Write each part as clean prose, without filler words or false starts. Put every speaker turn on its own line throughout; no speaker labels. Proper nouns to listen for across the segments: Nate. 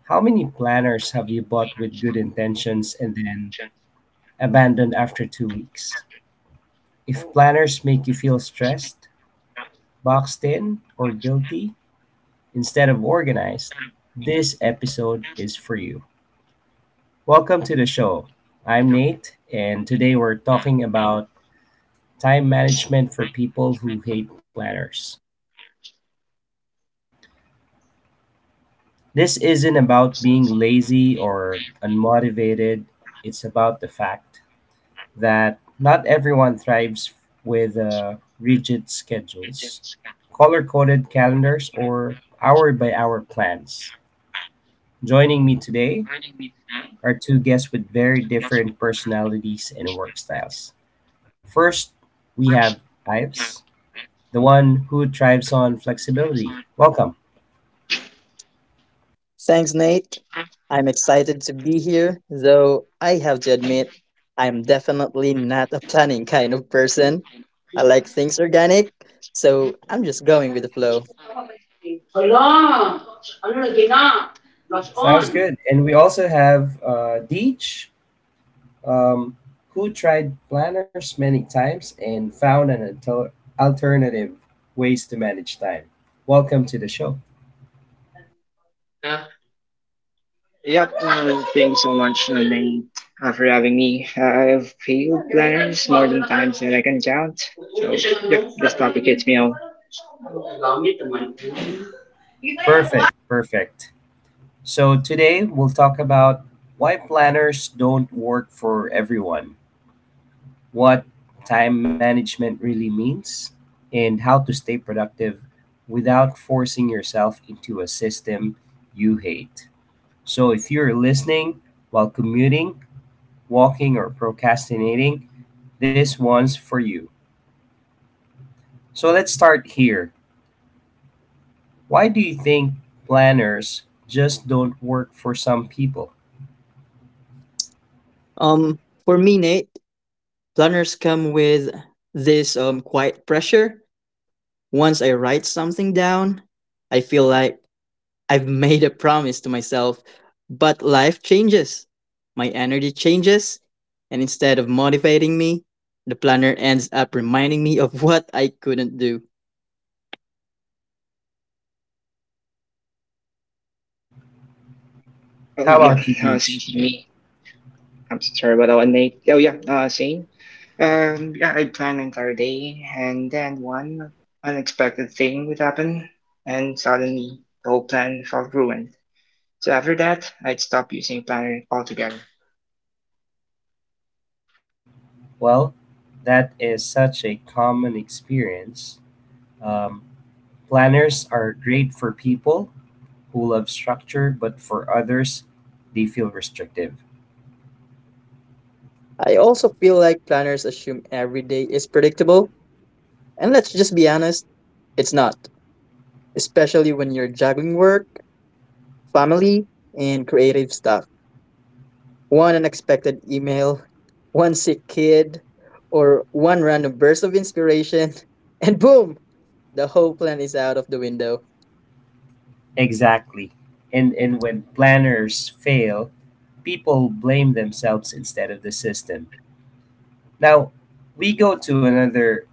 How many planners have you bought with good intentions and then abandoned after 2 weeks? If planners make you feel stressed, boxed in, or guilty instead of organized, this episode is for you. Welcome to the show. I'm Nate, and today we're talking about time management for people who hate planners. This isn't about being lazy or unmotivated, it's about the fact that not everyone thrives with rigid schedules, color coded calendars, or hour by hour plans. Joining me today are two guests with very different personalities and work styles. First, we have Ives, the one who thrives on flexibility. Welcome.
Thanks, Nate. I'm excited to be here, though I have to admit, I'm definitely not a planning kind of person. I like things organic, so I'm just going with the flow.
Allah, Allah Gina, lost
Sounds
on.
good. And we also have Deej, um, who tried planners many times and found an alternative ways to manage time. Welcome to the show.
Yep, Thanks so much, Lane, for having me. I've failed planners more than times that I can count. So, yep, this topic hits me all.
Perfect, perfect. So today we'll talk about why planners don't work for everyone, what time management really means, and how to stay productive without forcing yourself into a system you hate. So if you're listening while commuting, walking, or procrastinating, this one's for you. So let's start here. Why do you think planners just don't work for some people?
For me, Nate, planners come with this quiet pressure. Once I write something down, I feel like I've made a promise to myself, but life changes. My energy changes, and instead of motivating me, the planner ends up reminding me of what I couldn't do.
How about you, Deej? Well, that is such a common experience. Um, Planners are great for people who love structure, but for others, they feel restrictive.
I also feel like planners assume every day is predictable, and let's just be honest, it's not, especially when you're juggling work, family, and creative stuff. One unexpected email, one sick kid, or one random burst of inspiration, and boom, the whole plan is out of the window.
Exactly. And when planners fail, people blame themselves instead of the system. Now, we go to another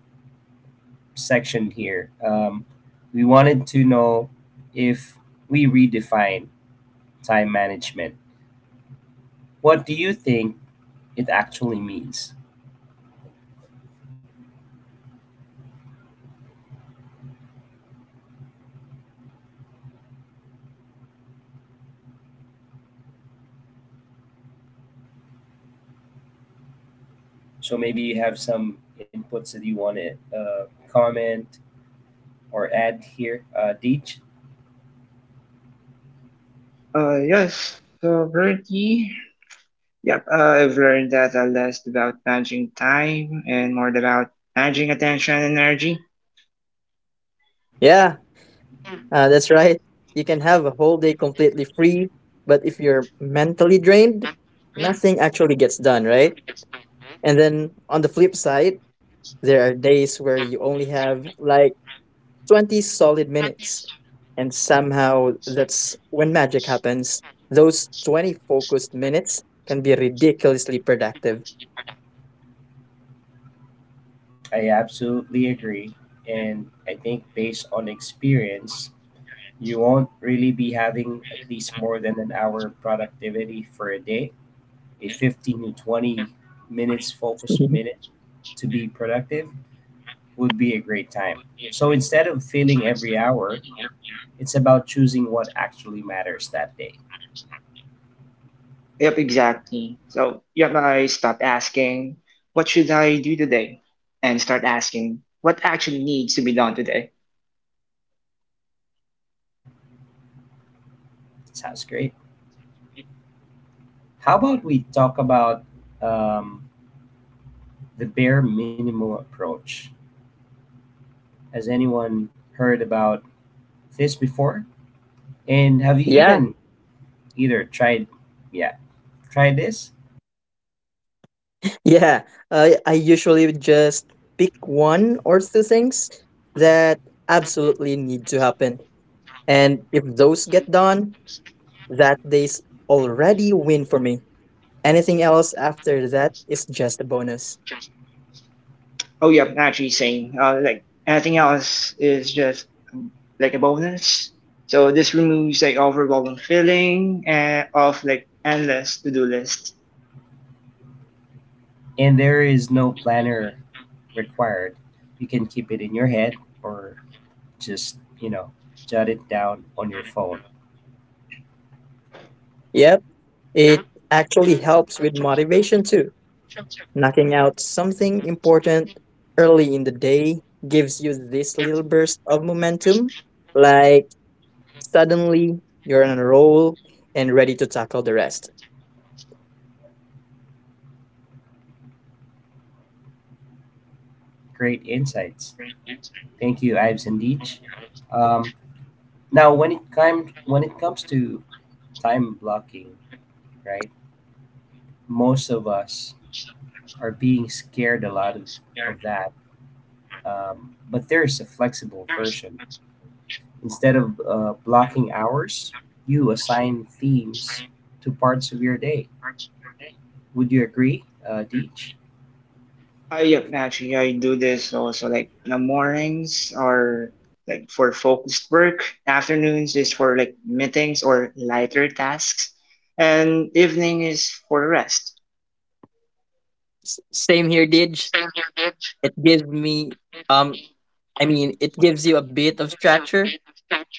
section here. We wanted to know if we redefine time management, what do you think it actually means? So maybe you have some inputs that you want to comment or add here, Deej.
Yes, so currently, yep, uh, I've learned that less about managing time and more about managing attention and energy.
Yeah, that's right. You can have a whole day completely free, but if you're mentally drained, nothing actually gets done, right? And then on the flip side, there are days where you only have like 20 solid minutes, and somehow that's when magic happens. Those 20 focused minutes can be ridiculously productive.
I absolutely agree, and I think based on experience, you won't really be having at least more than an hour productivity for a day. A 15 to 20 minutes focus
Mhm.
minute to be productive would be a great time. So instead of failing every hour, it's about choosing what actually matters that day.
Yep, exactly. So I stopped asking, what should I do today? And start asking, what actually needs to be done today?
Sounds great. How about we talk about um, the bare minimum approach? Has anyone heard about this before? And have you
Yeah,
even either tried, yeah, tried this?
yeah, I usually would just pick one or two things that absolutely need to happen, and if those get done, that day's already win for me. Anything else after that is just a bonus.
Oh, yep, actually same. Like anything else is just um, like a bonus. So this removes like overwhelming feeling and of like endless to-do lists.
And there is no planner required. You can keep it in your head or just, you know, jot it down on your phone.
Yep, it actually helps with motivation too. Knocking out something important early in the day gives you this little burst of momentum, like suddenly you're on a roll and ready to tackle the rest.
Great insights. Thank you, Ives and Deej. Um, Now, when it comes to time blocking, right? Most of us are being scared a lot of that. But there's a flexible version. Instead of blocking hours, you assign themes to parts of your day. Would you agree, Deej?
Actually I do this also like in the mornings or like for focused work. Afternoons is for like meetings or lighter tasks. And evening is for rest.
Same here, Didge. It gives me, um, it gives you a bit of structure,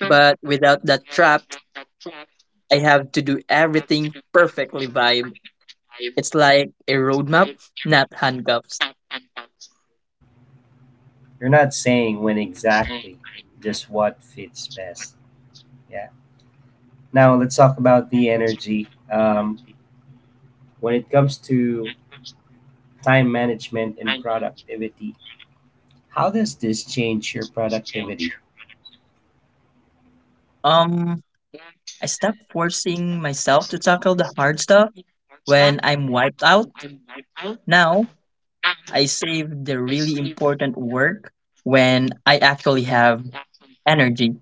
but without that trap, I have to do everything perfectly vibe. It's like a roadmap, not handcuffs.
You're not saying when exactly, just what fits best. Yeah. Now let's talk about the energy. When it comes to time management and productivity. How does this change your productivity?
Um, I stopped forcing myself to tackle the hard stuff when I'm wiped out. Now, I save the really important work when I actually have energy.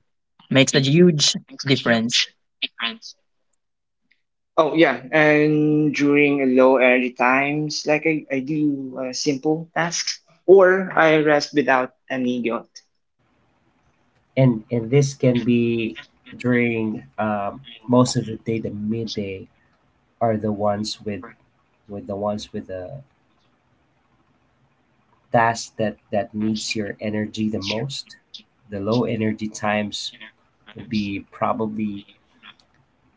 Makes a huge difference.
Oh yeah, and during low energy times, like I do simple tasks or I rest without any guilt.
And this can be during most of the day. The midday are the ones with the ones with the task that needs your energy the most. The low energy times will be probably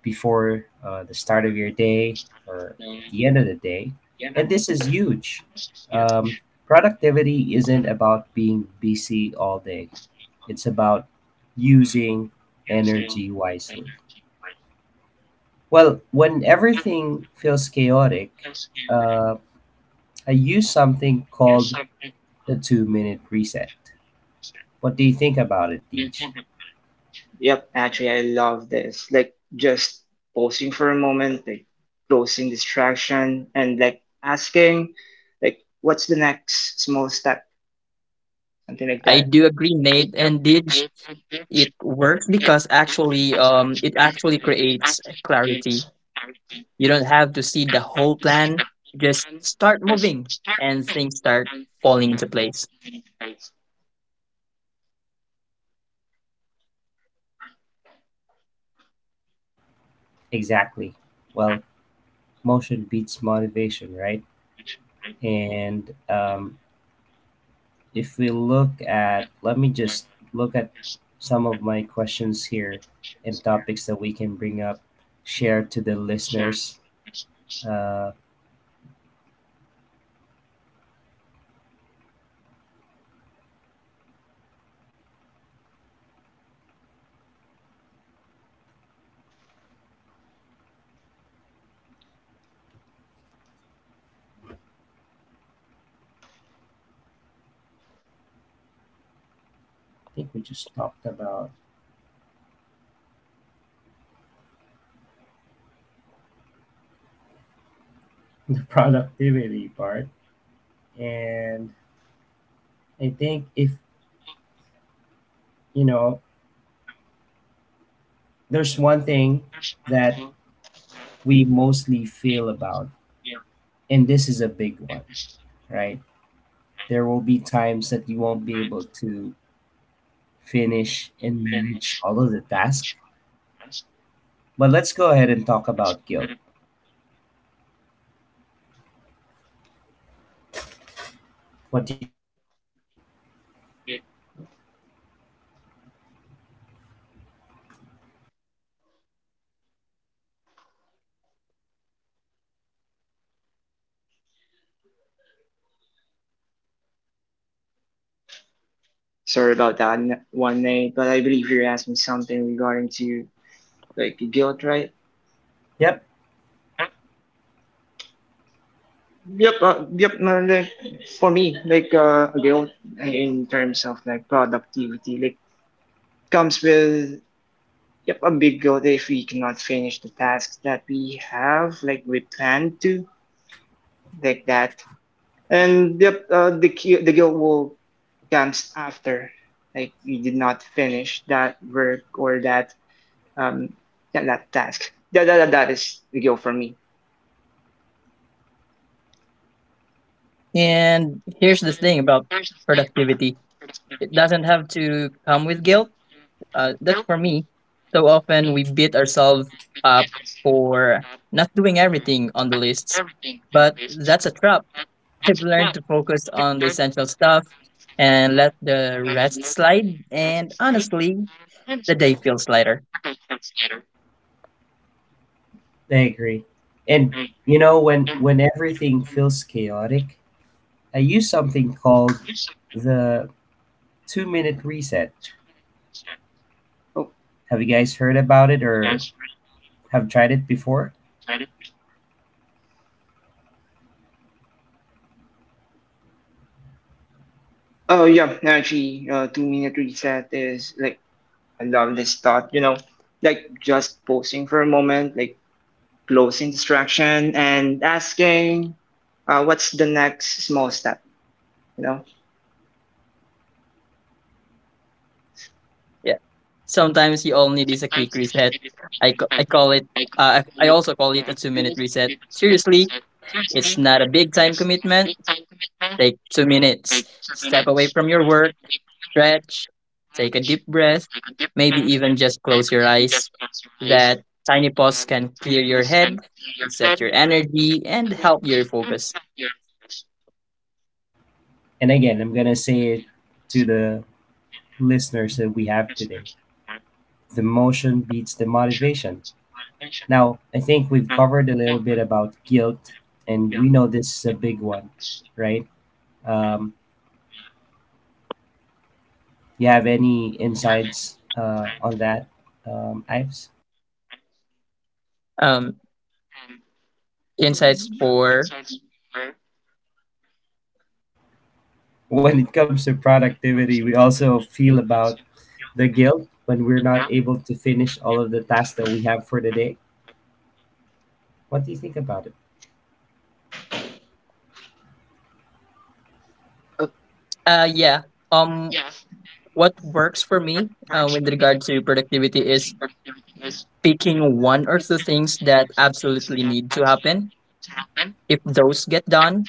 before the start of your day or at the end of the day. And this is huge. Um, Productivity isn't about being busy all day, it's about using energy wisely. Well, when everything feels chaotic, uh, I use something called the 2 minute reset. What do you think about it, Deej?
Yep, actually, I love this. Like, just pausing for a moment, like, closing distraction, and like asking, like, what's the next small step? Something like
I
that.
do agree, Nate. And Dij, it works because actually, it actually creates clarity. You don't have to see the whole plan. Just start moving, and things start falling into place.
Exactly. Well, motion beats motivation, right? And if we look at, let me just look at some of my questions here and topics that we can bring up, share to the listeners. Uh, I think we just talked about the productivity part. And I think if, you know, there's one thing that we mostly feel about, and this is a big one, right? There will be times that you won't be able to finish and manage all of the tasks. But let's go ahead and talk about guilt. What do you think, Ives?
Sorry about that one night, but I believe you're asking something regarding to like guilt, right?
Yep,
Yep, yep. No, no, like, for me, like, guilt in terms of like productivity, like, comes with yep a big guilt if we cannot finish the tasks that we have, like, we planned to like that. And the guilt will comes after, like you did not finish that work or that um yeah, that task. That is the guilt for me.
And here's the thing about productivity: it doesn't have to come with guilt. That's for me. So often we beat ourselves up for not doing everything on the lists, but that's a trap. I've learned to focus on the essential stuff and let the rest slide. And honestly, the day feels lighter.
I agree. And you know, when everything feels chaotic, I use something called the 2 minute reset.
Oh,
Have you guys heard about it or have tried it before?
oh yeah, actually, 2-minute reset is like I love this thought. You know, like just pausing for a moment, like closing distraction and asking, what's the next small step? You know,
Yeah. Sometimes you all need is a quick reset. I call it, I also call it a 2-minute reset. Seriously, it's not a big time commitment. Take 2 minutes. Step away from your work, stretch, take a deep breath, maybe even just close your eyes. That tiny pause can clear your head, reset your energy, and help your focus.
And again, I'm gonna say it to the listeners that we have today. The motion beats the motivation. Now, I think we've covered a little bit about guilt, and we know this is a big one, right? Um, You have any insights on that, Ives?
Um, insights for
When it comes to productivity, we also feel about the guilt when we're not able to finish all of the tasks that we have for the day. What do you think about it?
oh,
yeah um what works for me with regard to productivity is picking one or two things that absolutely need to happen. If those get done,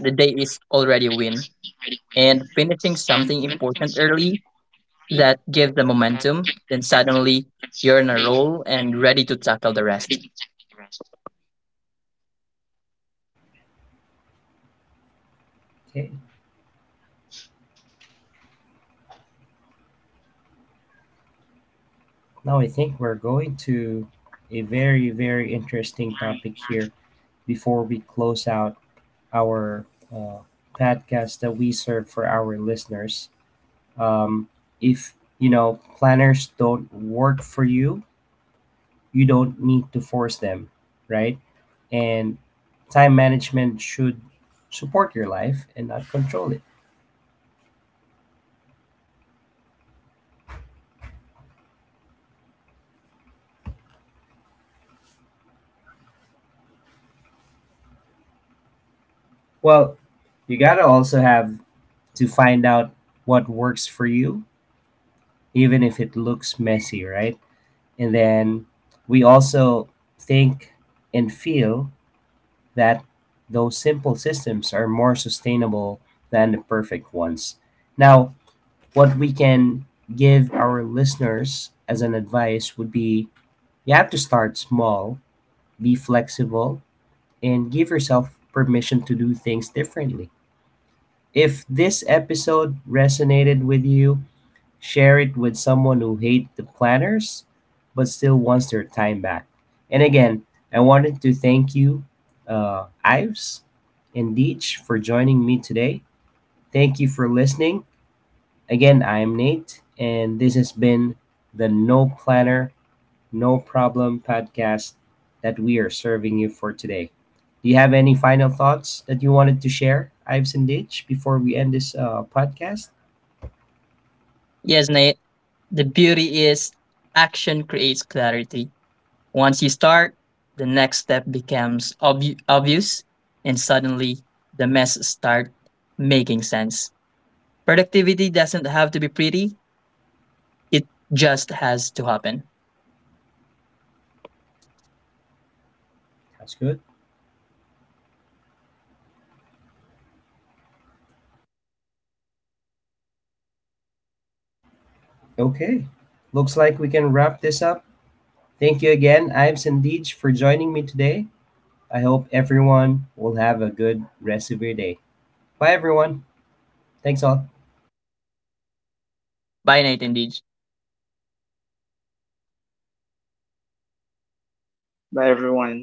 the day is already a win. And finishing something important early that give the momentum, then suddenly you're in a roll and ready to tackle the rest.
Okay, now I think we're going to a very, very interesting topic here before we close out our uh, podcast that we serve for our listeners. Um, if you know planners don't work for you, you don't need to force them, right? And time management should support your life and not control it. Well, you gotta also have to find out what works for you, even if it looks messy, right? And then we also think and feel that those simple systems are more sustainable than the perfect ones. Now, what we can give our listeners as an advice would be you have to start small, be flexible, and give yourself permission to do things differently. If this episode resonated with you, share it with someone who hates the planners but still wants their time back. And again, I wanted to thank you, Ives and Deech, for joining me today. Thank you for listening. Again, I am Nate, and this has been the No Planner No Problem podcast that we are serving you for today. Do you have any final thoughts that you wanted to share, Ives and Ditch, before we end this podcast?
Yes, Nate, the beauty is action creates clarity. Once you start, the next step becomes obvious, and suddenly the mess start making sense. Productivity doesn't have to be pretty, it just has to happen.
That's good. Okay. Looks like we can wrap this up. Thank you again, Ives and Deej, for joining me today. I hope everyone will have a good rest of your day. Bye, everyone. Thanks all.
Bye, nightingale.
Bye everyone. Thank you.